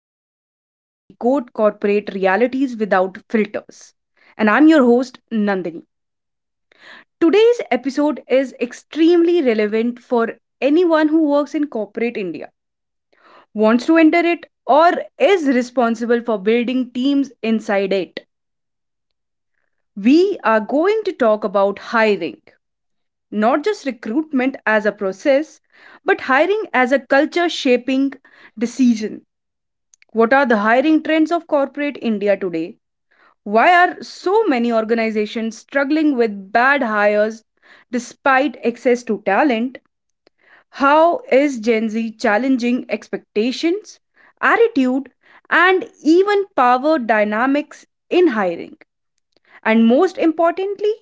the space where we decode corporate realities without filters. And I'm your host, Nandini. Today's episode is extremely relevant for anyone who works in corporate India, wants to enter it, or is responsible for building teams inside it. We are going to talk about hiring, not just recruitment as a process, but hiring as a culture shaping decision. What are the hiring trends of corporate India today? Why are so many organizations struggling with bad hires despite access to talent? How is Gen Z challenging expectations, attitude, and even power dynamics in hiring? And most importantly,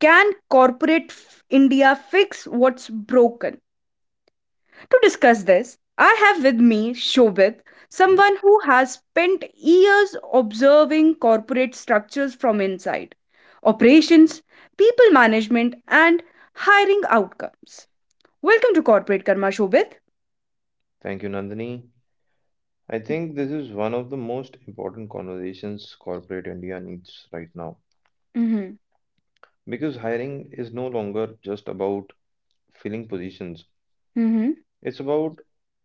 can corporate India fix what's broken? To discuss this, I have with me Shobit, someone who has spent years observing corporate structures from inside, operations, people management, and hiring outcomes. Welcome to Corporate Karma, Shobit. Thank you, Nandini. I think this is one of the most important conversations corporate India needs right now Mm-hmm. because hiring is no longer just about filling positions, Mm-hmm. it's about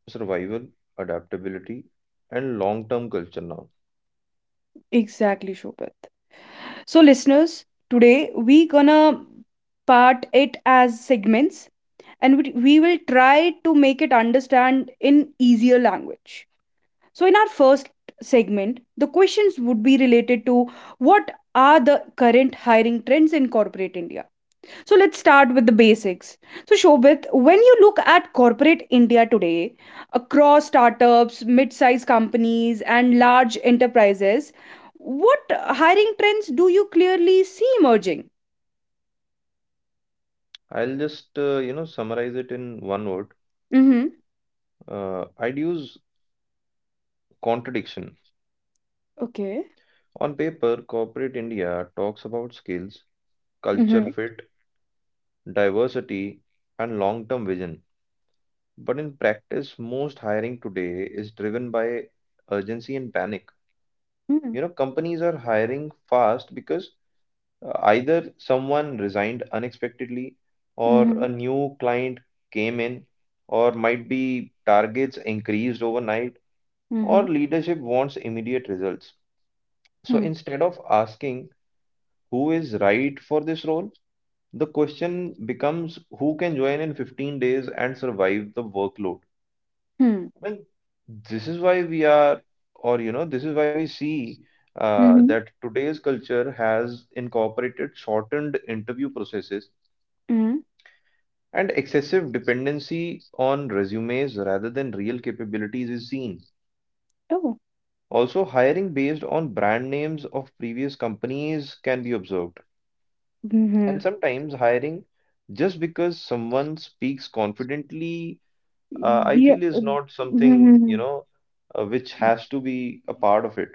survival, adaptability, and long-term culture now. Exactly, Shobit. So, listeners, today we gonna part it as segments, and we will try to make it understand in easier language. So, in our first segment, the questions would be related to what are the current hiring trends in corporate India. So, let's start with the basics. So, Shobit, when you look at corporate India today, across startups, mid sized companies, and large enterprises, what hiring trends do you clearly see emerging? I'll just, summarize it in one word. Mm-hmm. I'd use contradiction. Okay. On paper, corporate India talks about skills, culture Mm-hmm. fit, diversity, and long-term vision. But in practice, most hiring today is driven by urgency and panic. Mm-hmm. You know, companies are hiring fast because either someone resigned unexpectedly, or Mm-hmm. a new client came in, or might be targets increased overnight, Mm-hmm. or leadership wants immediate results. So Mm-hmm. instead of asking who is right for this role, the question becomes who can join in 15 days and survive the workload. Well, this is why we are, this is why we see Mm-hmm. that today's culture has incorporated shortened interview processes Mm-hmm. and excessive dependency on resumes rather than real capabilities is seen. Also, hiring based on brand names of previous companies can be observed. And Oh. sometimes hiring just because someone speaks confidently, I Yeah. feel is not something, Mhm. Which has to be a part of it.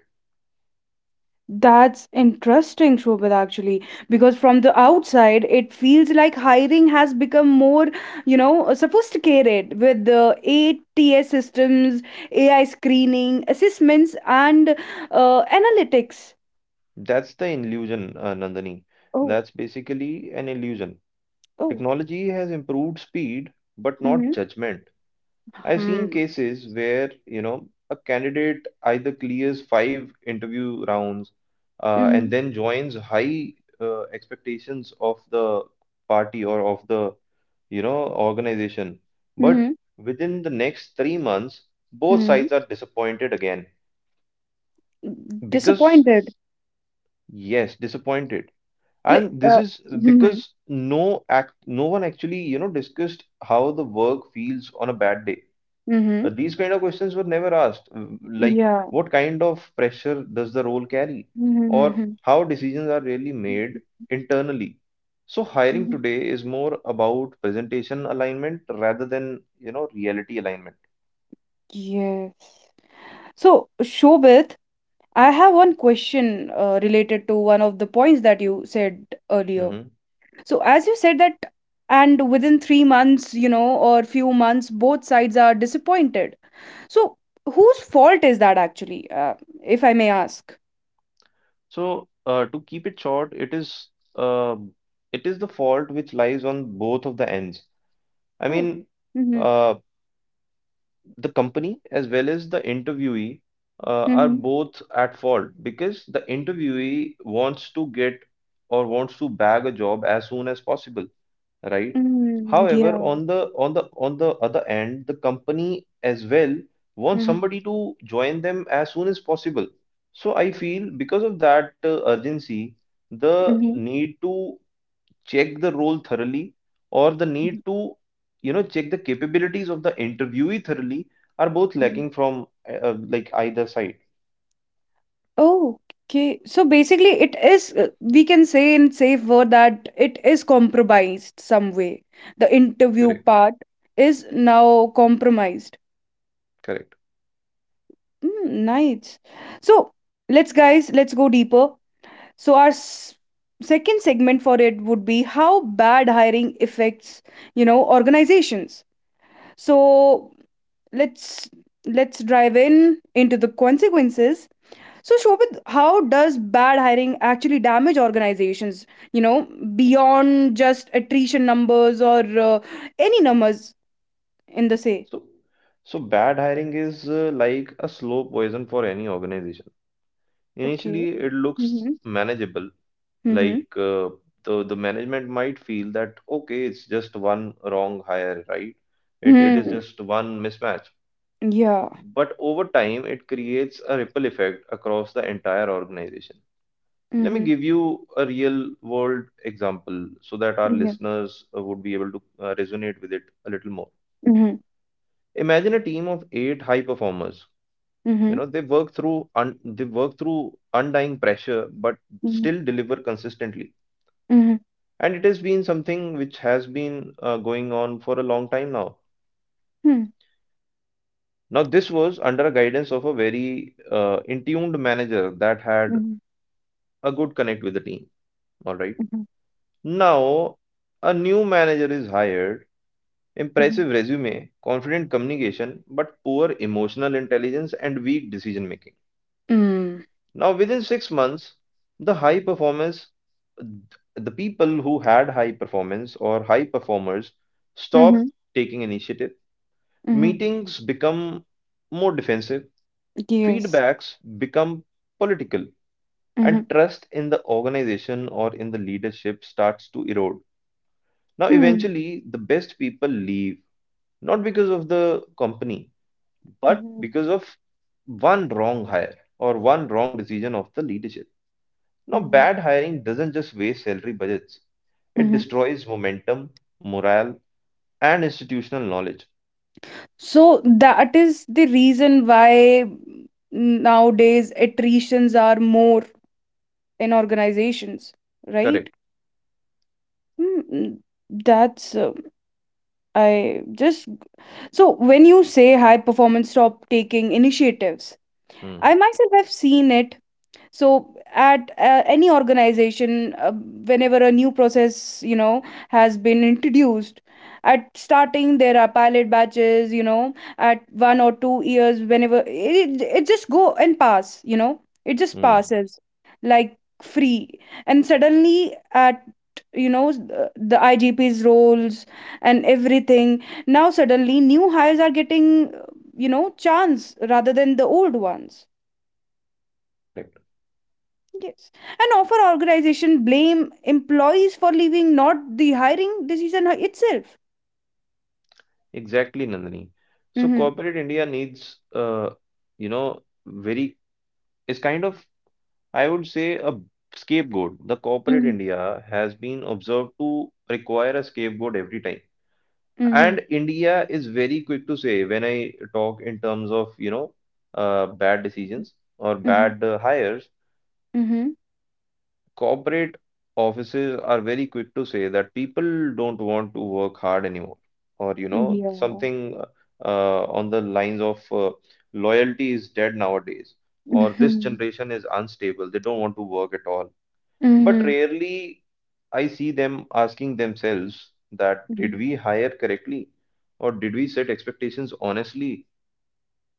That's interesting, Shobhit, actually, because from the outside, it feels like hiring has become more, sophisticated with the ATS systems, AI screening, assessments, and analytics. That's the illusion, Nandini. Oh, That's basically an illusion. oh. Technology has improved speed, but not Mm-hmm. judgment. I've seen Hmm. cases where, you know, a candidate either clears five interview rounds Mm-hmm. and then joins high expectations of the party or of the, you know, organization. But Mm-hmm. within the next 3 months, both Mm-hmm. sides are disappointed again. Because, Disappointed. yes, disappointed. Like, And this is mm-hmm. because no one actually, you know, discussed how the work feels on a bad day. Mm-hmm. These kind of questions were never asked, like Yeah. what kind of pressure does the role carry, or Mm-hmm. how decisions are really made internally. So hiring Mm-hmm. today is more about presentation alignment rather than, you know, reality alignment. Yes. So, Shobit, I have one question, related to one of the points that you said earlier. Mhm. So, as you said that, and within 3 months, or few months, both sides are disappointed. So, whose fault is that actually, if I may ask? So, to keep it short, uh, it is the fault which lies on both of the ends. I Oh, mean, mm-hmm, uh, the company as well as the interviewee are mm-hmm, both at fault because the interviewee wants to get or wants to bag a job as soon as possible, right? mm-hmm, However, yeah, on the other end, the company as well wants mm-hmm, somebody to join them as soon as possible. So I feel because of that urgency, the mm-hmm. need to check the role thoroughly or the need to, you know, check the capabilities of the interviewee thoroughly are both lacking from like either side. Okay. So basically, it is, we can say in safe word that it is compromised some way. The interview Correct, part is now compromised. correct. Mm, nice. So guys, let's go deeper. So our s second segment for it would be how bad hiring affects, organizations. So let's let's drive in into the consequences. So, Shobit, how does bad hiring actually damage organizations, you know, beyond just attrition numbers or any numbers in the say? So so bad hiring is, like a slow poison for any organization. Initially, Okay. it looks Mm-hmm. manageable, Mm-hmm. like the management might feel that okay, it's just one wrong hire, right? It is Hmm. just one mismatch. Yeah. But over time, it creates a ripple effect across the entire organization. Let me Mm-hmm. give you a real world example so that our Yeah. listeners would be able to resonate with it a little more. Mm-hmm. Imagine a team of eight high performers. You Mm-hmm. know, they work through undying pressure, but Mm-hmm. still deliver consistently. Mm-hmm. And it has been something which has been, going on for a long time now. Now, this was under a guidance of a very in-tuned manager that had Mm-hmm. a good connect with the team. All right. Mm-hmm. Now, a new manager is hired, impressive resume, confident communication, but poor emotional intelligence and weak decision making. Mm-hmm. Now, within 6 months, the high performance, the people who had high performance or high performers stop taking initiative. Mm-hmm. Meetings become more defensive, Yes. feedbacks become political, Mm-hmm. and trust in the organization or in the leadership starts to erode. Now, Mm-hmm. eventually, the best people leave, not because of the company, but because of one wrong hire or one wrong decision of the leadership. Now, Mm-hmm. bad hiring doesn't just waste salary budgets, it destroys momentum, morale, and institutional knowledge. So that is the reason why nowadays attritions are more in organizations, right? Correct. Hmm, that's, I just so when you say high performance stop taking initiatives, I Hmm. myself have seen it. So at any organization, whenever a new process, has been introduced, at starting there are pilot batches, at 1 or 2 years, whenever it just go and pass, it just Hmm. passes like free. And suddenly at, the igp's roles and everything, now suddenly new hires are getting chance rather than the old ones. Correct. Yes. And offer organization blame employees for leaving, not the hiring decision itself. Exactly, Nandini. So, Mm-hmm. corporate India needs, you know, very, is kind of I would say a scapegoat. The corporate Hmm. India has been observed to require a scapegoat every time. Mm-hmm. And India is very quick to say when I talk in terms of, bad decisions or Mm-hmm. bad hires, Mm-hmm. corporate offices are very quick to say that people don't want to work hard anymore. Or, you know, Yeah. something on the lines of loyalty is dead nowadays, or this Mm-hmm. generation is unstable, they don't want to work at all, but Mm-hmm. rarely I see them asking themselves that Hmm. did we hire correctly or did we set expectations honestly?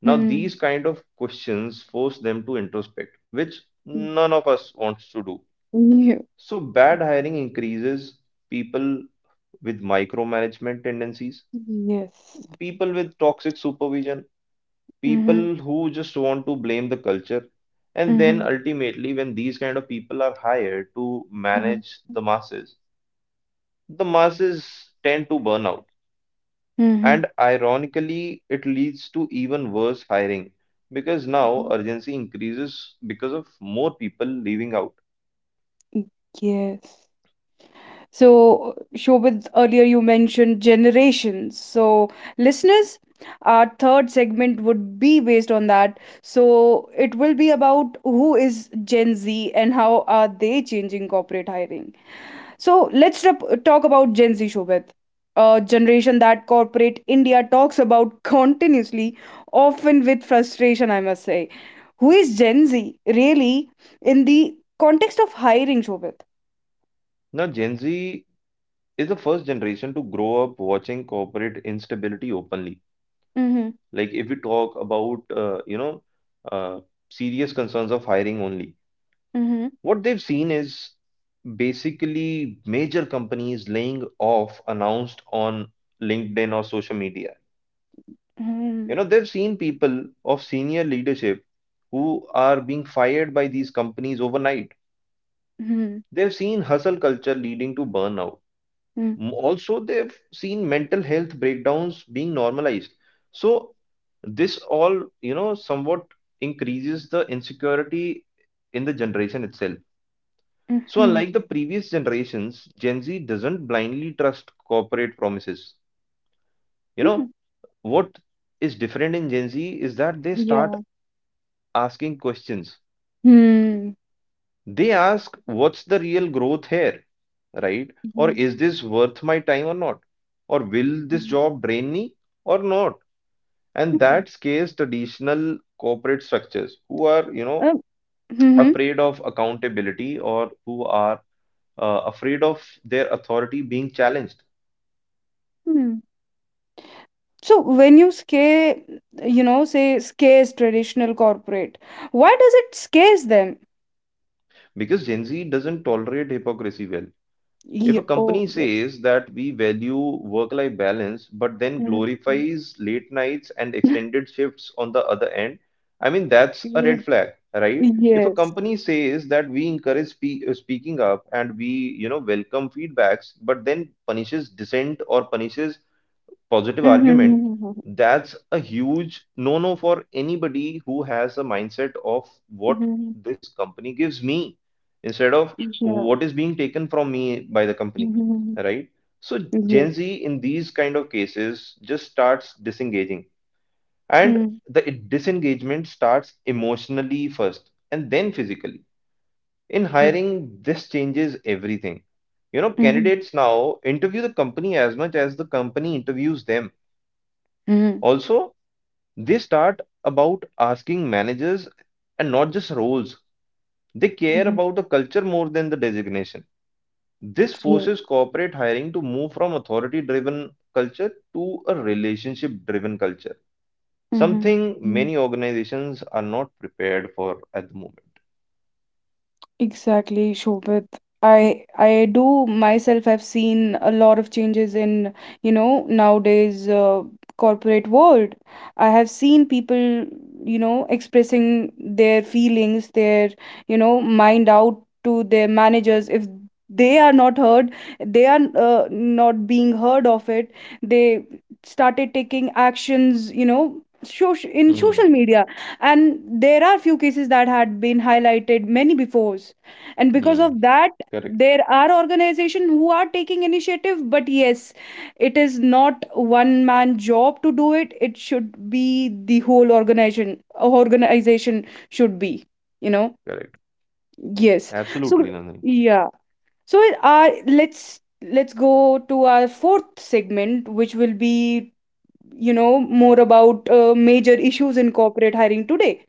Now, these kind of questions force them to introspect, which none of us wants to do. Mm-hmm. Yeah. So, bad hiring increases people with micromanagement tendencies, Yes. people with toxic supervision, Mm-hmm. people who just want to blame the culture. And then Mm-hmm. ultimately, when these kind of people are hired to Mm-hmm. manage the masses, the masses tend to burn out, Hmm. and ironically, it leads to even worse hiring because now urgency increases because of more people leaving out. Yes. So, Shobit, earlier you mentioned generations. So, listeners, our third segment would be based on that. So, it will be about who is Gen Z and how are they changing corporate hiring. So, let's talk about Gen Z, Shobit, a generation that corporate India talks about continuously, often with frustration, I must say. Who is Gen Z really in the context of hiring, Shobit? Now, Gen Z is the first generation to grow up watching corporate instability openly. Mm-hmm. Like, if we talk about, uh, serious concerns of hiring only, what they've seen is basically major companies laying off announced on LinkedIn or social media. Mm-hmm. You know, they've seen people of senior leadership who are being fired by these companies overnight. Mhm, They've seen hustle culture leading to burnout. mm, Also, they've seen mental health breakdowns being normalized. So, this all, you know, somewhat increases the insecurity in the generation itself. So, mhm, unlike the previous generations, Gen Z doesn't blindly trust corporate promises. You mm. know, what is different in Gen Z is that they start Yeah. asking questions. Hmm. They ask, what's the real growth here, right? Or Mhm, is this worth my time or not? Or will this mm. job drain me or not? And Hmm. that scares traditional corporate structures who are, you know, Um, mhm, afraid of accountability or who are afraid of their authority being challenged. hmm. So when you scare, say scares traditional corporate, why does it scares them? Because Gen Z doesn't tolerate hypocrisy well. If a Yeah. Oh, company yes. says that we value work life balance, but then Hmm. glorifies late nights and extended shifts on the other end, I mean, that's a Yeah. red flag, right? If a Yes. company says that we encourage speaking up and we, you know, welcome feedbacks, but then punishes dissent or punishes positive argument, Mm-hmm. that's a huge no no for anybody who has a mindset of what Mm-hmm. this company gives me instead of Yeah. what is being taken from me by the company, Mhm. right? So, Yes. Gen Z in these kind of cases just starts disengaging, and Mm-hmm. the disengagement starts emotionally first and then physically. In Yeah. hiring, this changes everything. You know, Hmm. candidates now interview the company as much as the company interviews them. Hmm. Also, they start about asking managers and not just roles. They care Mhm. about the culture more than the designation. This Yes. forces corporate hiring to move from authority driven culture to a relationship driven culture, Mm-hmm. something Mhm. many organizations are not prepared for at the moment. Exactly, Shobit. I do myself have seen a lot of changes in, nowadays corporate world. I have seen people, expressing their feelings, their, mind out to their managers. If they are not heard, they are not being heard of it. They started taking actions, social in Hmm. social media, and there are few cases that had been highlighted many before, and because Hmm. of that Correct. there are organizations who are taking initiative. But yes, it is not one man job to do it, it should be the whole organization should be, you know Correct. yes. So, Absolutely, Nandan. yeah. So, let's go to our fourth segment, which will be, more about major issues in corporate hiring today.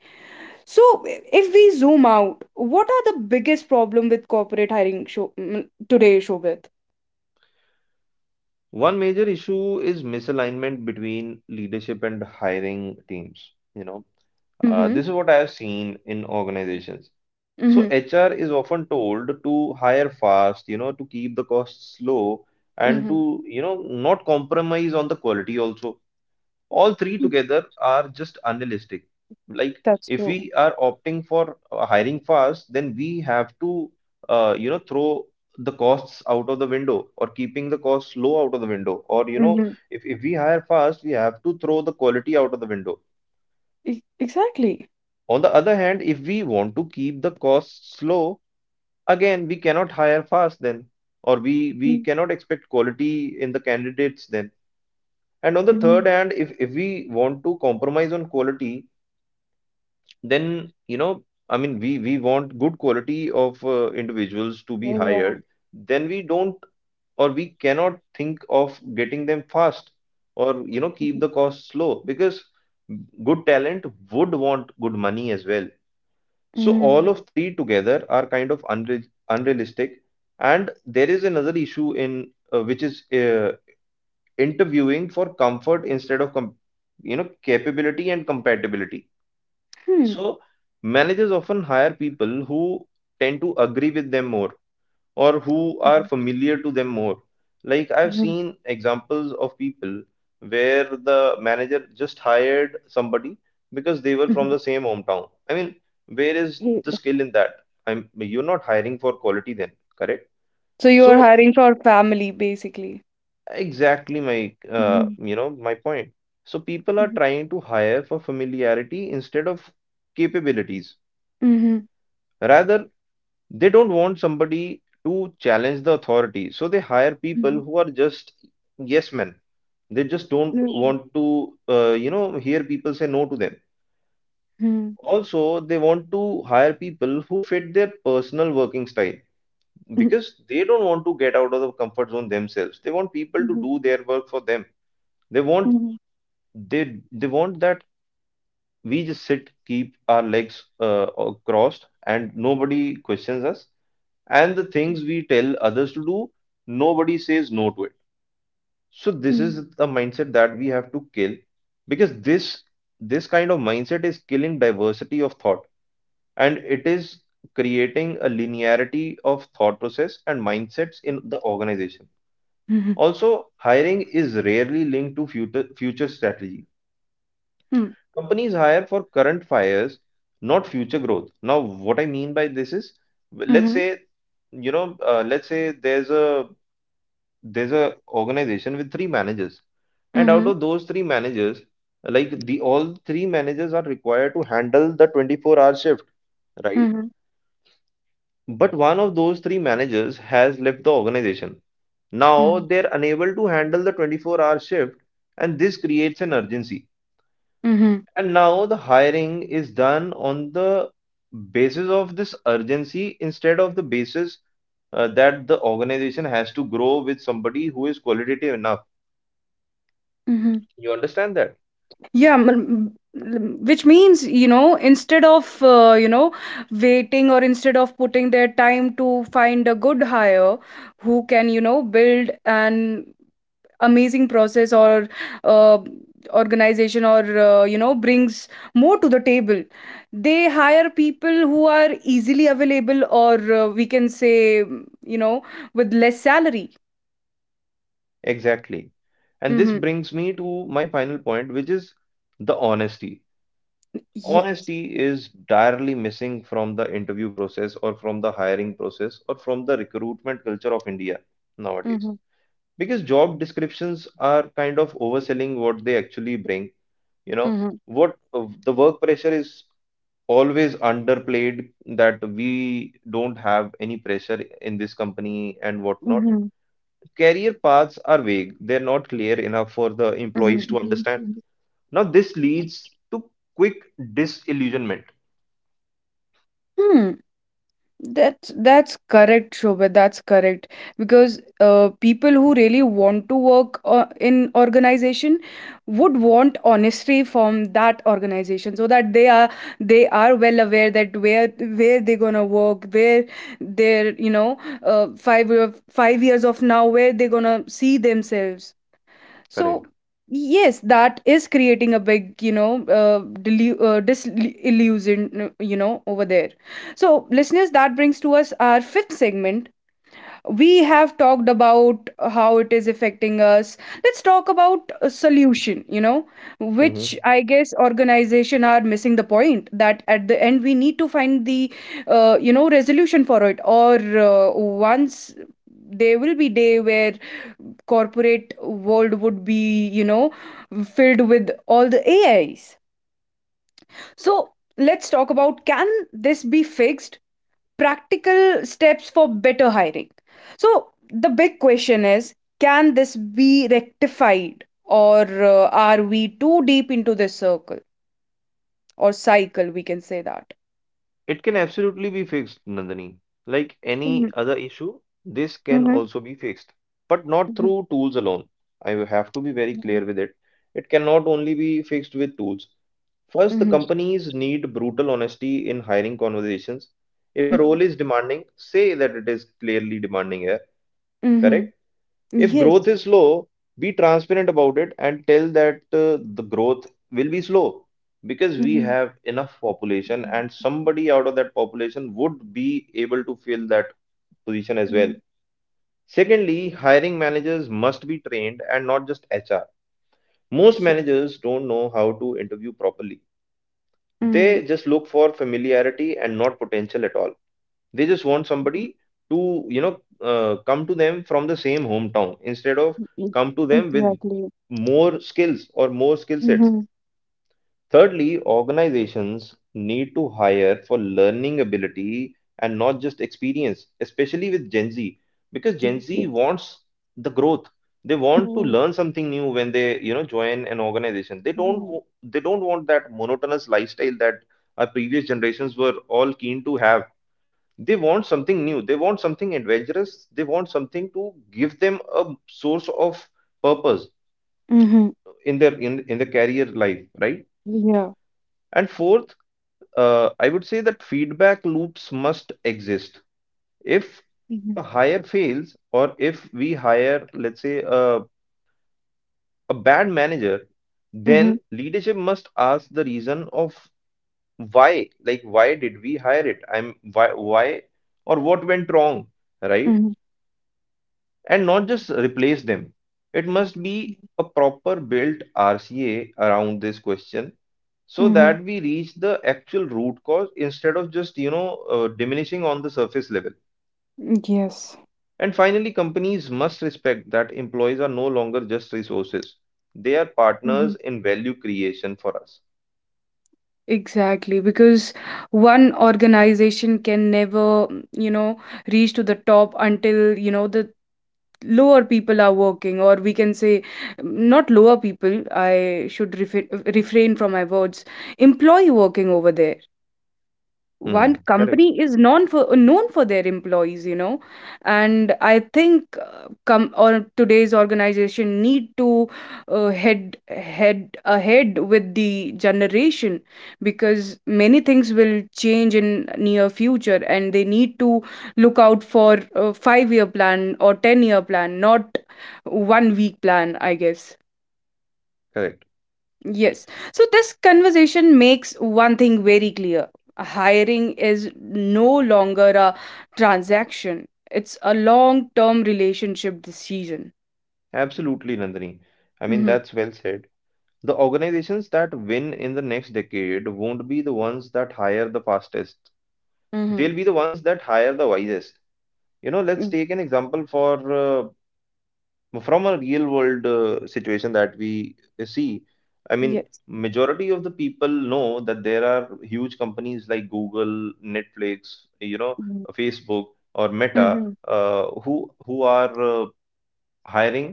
So, if we zoom out, what are the biggest problem with corporate hiring today, Shobit? One major issue is misalignment between leadership and hiring teams. You know, Mm-hmm. this is what I have seen in organizations. So Mm-hmm. HR is often told to hire fast, you know, to keep the costs low and Mm-hmm. to, you know, not compromise on the quality also. All three together are just unrealistic. Like That's if true. we are opting for hiring fast, then we have to, throw the costs out of the window or keeping the costs low out of the window. Or, you know, Mm-hmm. If we hire fast, we have to throw the quality out of the window. Exactly. On the other hand, if we want to keep the costs low, again, we cannot hire fast then, or we cannot expect quality in the candidates then. And on the third Mm-hmm. hand, if we want to compromise on quality, then you know, I mean, we want good quality of individuals to be Yeah. hired, then we don't or we cannot think of getting them fast or you know keep Mm-hmm. the costs low because good talent would want good money as well. So all Hmm. of three together are kind of unrealistic. And there is another issue in which is interviewing for comfort instead of com you know capability and compatibility. So managers often hire people who tend to agree with them more or who are familiar to them more. Like I've Mm-hmm. seen examples of people where the manager just hired somebody because they were from Mm-hmm. the same hometown. I mean, where is the Yeah. skill in that? I'm you're not hiring for quality then, correct? So you're So hiring for family, basically. exactly my, Mm-hmm. My point. So people are Mm-hmm. trying to hire for familiarity instead of capabilities. Hmm. Mm-hmm. Rather, they don't want somebody to challenge the authority, so they hire people Mm-hmm. who are just yes men. They just don't Yeah. want to, hear people say no to them. Hmm. Also, they want to hire people who fit their personal working style Mhm, because they don't want to get out of the comfort zone themselves. They want people to mhm, do their work for them. They want mhm, they want that we just sit, keep our legs crossed, and nobody questions us. And the things we tell others to do, nobody says no to it. So this is mhm. the mindset that we have to kill because this kind of mindset is killing diversity of thought and it is creating a linearity of thought process and mindsets in the organization. Also, hiring is rarely linked to future strategy. Mhm. Companies hire for current fires, not future growth. Now, what I mean by this is, let's Mhm, say let's say there's a organization with three managers, and out mhm, of those three managers, the all three managers are required to handle the 24-hour hour shift, right? mhm, But one of those three managers has left the organization, now mhm, they're unable to handle the 24-hour hour shift, and this creates an urgency. mhm, And now the hiring is done on the basis of this urgency instead of the basis that the organization has to grow with somebody who is qualitative enough. mhm. You understand that? Yeah, which means, instead of, waiting or instead of putting their time to find a good hire who can, build an amazing process or uh, organization, or, brings more to the table, they hire people who are easily available, or we can say, mm, with less salary. Exactly. And this Mm-hmm. brings me to my final point, which is the honesty. Yes. Honesty is direly missing from the interview process or from the hiring process or from the recruitment culture of India nowadays. Because job descriptions are kind of overselling what they actually bring, you know, what the work pressure is always underplayed, that we don't have any pressure in this company and whatnot. Career paths are vague, they're not clear enough for the employees to understand. Now, this leads to quick disillusionment. That's correct, Shobha. That's correct because people who really want to work in organization would want honesty from that organization, so that they are well aware that where they're gonna work, where their 5 years of now, where they're gonna see themselves. So Correct. yes, that is creating a big, disillusion, over there. So listeners, that brings to us our fifth segment. We have talked about how it is affecting us. Let's talk about a solution, which Hmm. I guess organization are missing the point that at the end we need to find the, resolution for it. Or once there will be day where corporate world would be, filled with all the ais. So let's talk about: can this be fixed? Practical steps for better hiring. So, the big question is, can this be rectified, or are we too deep into this circle or cycle? We can say that. It can absolutely be fixed, Nandini. Like any Mm-hmm. other issue, this can Mm-hmm. also be fixed, but not Mm-hmm. through tools alone. I have to be very Mm-hmm. clear with it. It cannot only be fixed with tools. First, the Mm-hmm. companies need brutal honesty in hiring conversations. If a Mm-hmm. role is demanding, say that it is clearly demanding here, Mm-hmm. correct? If Yes. growth is slow, be transparent about it and tell that the growth will be slow because we Mm-hmm. have enough population and somebody out of that population would be able to fill that position as Mm-hmm. well. Secondly, hiring managers must be trained and not just HR. Most Sure. managers don't know how to interview properly. Mm. They just look for familiarity and not potential at all. They just want Mhm, somebody to, come to them from the same hometown instead of mhm. come to them with Exactly. more skills or more skill sets. Mm-hmm. Thirdly, organizations need to hire for learning ability and not just experience, especially with Gen Z, because Gen Z Yes. wants the growth. They want to Mm-hmm. learn something new when they, join an organization. Mm-hmm. They don't want that monotonous lifestyle that our previous generations were all keen to have. They want something new, they want something adventurous, they want something to give them a source of purpose Mm-hmm. in in their career life, right? Yeah. And fourth, I would say that feedback loops must exist. If Mm-hmm. a hire fails, or if we hire, let's say, a bad manager, Mm-hmm. then leadership must ask the reason of why. Like, why did we hire it I'm why Or what went wrong, right? Mm-hmm. And not just replace them. It must be Mm-hmm. a proper built RCA around this question so that we reach the actual root cause instead of just, diminishing on the surface level. Mm-hmm. Yes. And finally, companies must respect that employees are no longer just resources. They are Mhm. partners in value creation for us. Exactly, because one organization can never, mm, reach to the top until, the lower people are working, or we can say, mm, not lower people, I should refrain from my words, employee working over there. One Hmm, correct, company is known for their employees, and I think come or today's organization need to head head ahead with the generation, because many things will change in near future and they need to look out for a 5-year plan or 10-year plan, not one week plan, I guess. correct. Yes. So this conversation makes one thing very clear. Hiring is no longer a transaction. It's a long-term relationship decision. Absolutely, Nandini. I mean, Mm-hmm. that's well said. The organizations that win in the next decade won't be the ones that hire the fastest. Mm-hmm. They'll be the ones that hire the wisest. You know, let's Mm, take an example for from a real world situation that we see. I mean, yes. majority of the people know that there are huge companies like Google, Netflix, you know, Mm-hmm. Facebook or Meta, Mm-hmm. who are hiring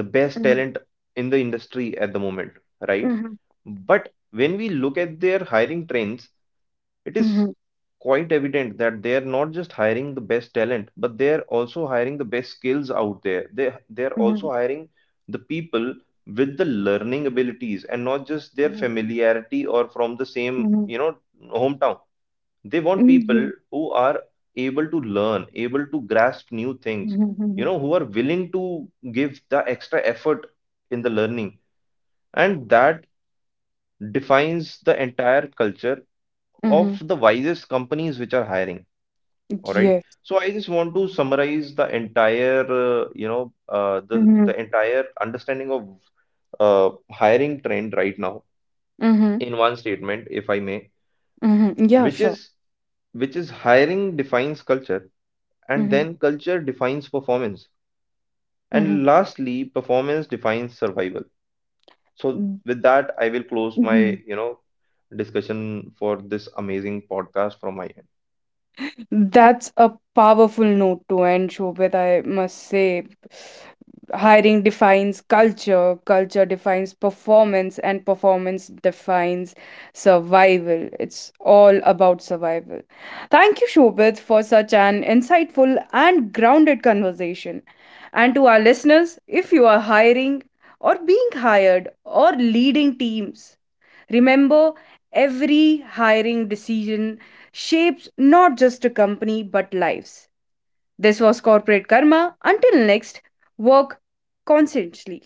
the best talent in the industry at the moment, right? Mm-hmm. But when we look at their hiring trends, it is Mm-hmm. quite evident that they are not just hiring the best talent, but they are also hiring the best skills out there. They are Mm-hmm. also hiring the people with the learning abilities and not just their familiarity or from the same, Mm-hmm. you know, hometown. They want Mm, yeah. people who are able to learn, able to grasp new things, you Mm-hmm. know, who are willing to give the extra effort in the learning. And that defines the entire culture Mm-hmm. of the wisest companies which are hiring. All right. Yes. So I just want to summarize the entire, the Mm-hmm. Entire understanding of hiring trend right now Mm-hmm. in one statement, if I may, Mm-hmm. Yeah, which sure. is hiring defines culture, and Mm-hmm. then culture defines performance, Mm-hmm. and lastly performance defines survival. So with that, I will close my, Mm. you know, discussion for this amazing podcast from my end. That's a powerful note to end, Shobhit, I must say. Hiring defines culture, culture defines performance, and performance defines survival. It's all about survival. Thank you, Shobhit, for such an insightful and grounded conversation. And to our listeners, if you are hiring or being hired or leading teams, remember every hiring decision shapes not just a company but lives. This was Corporate Karma. Until next, work constantly.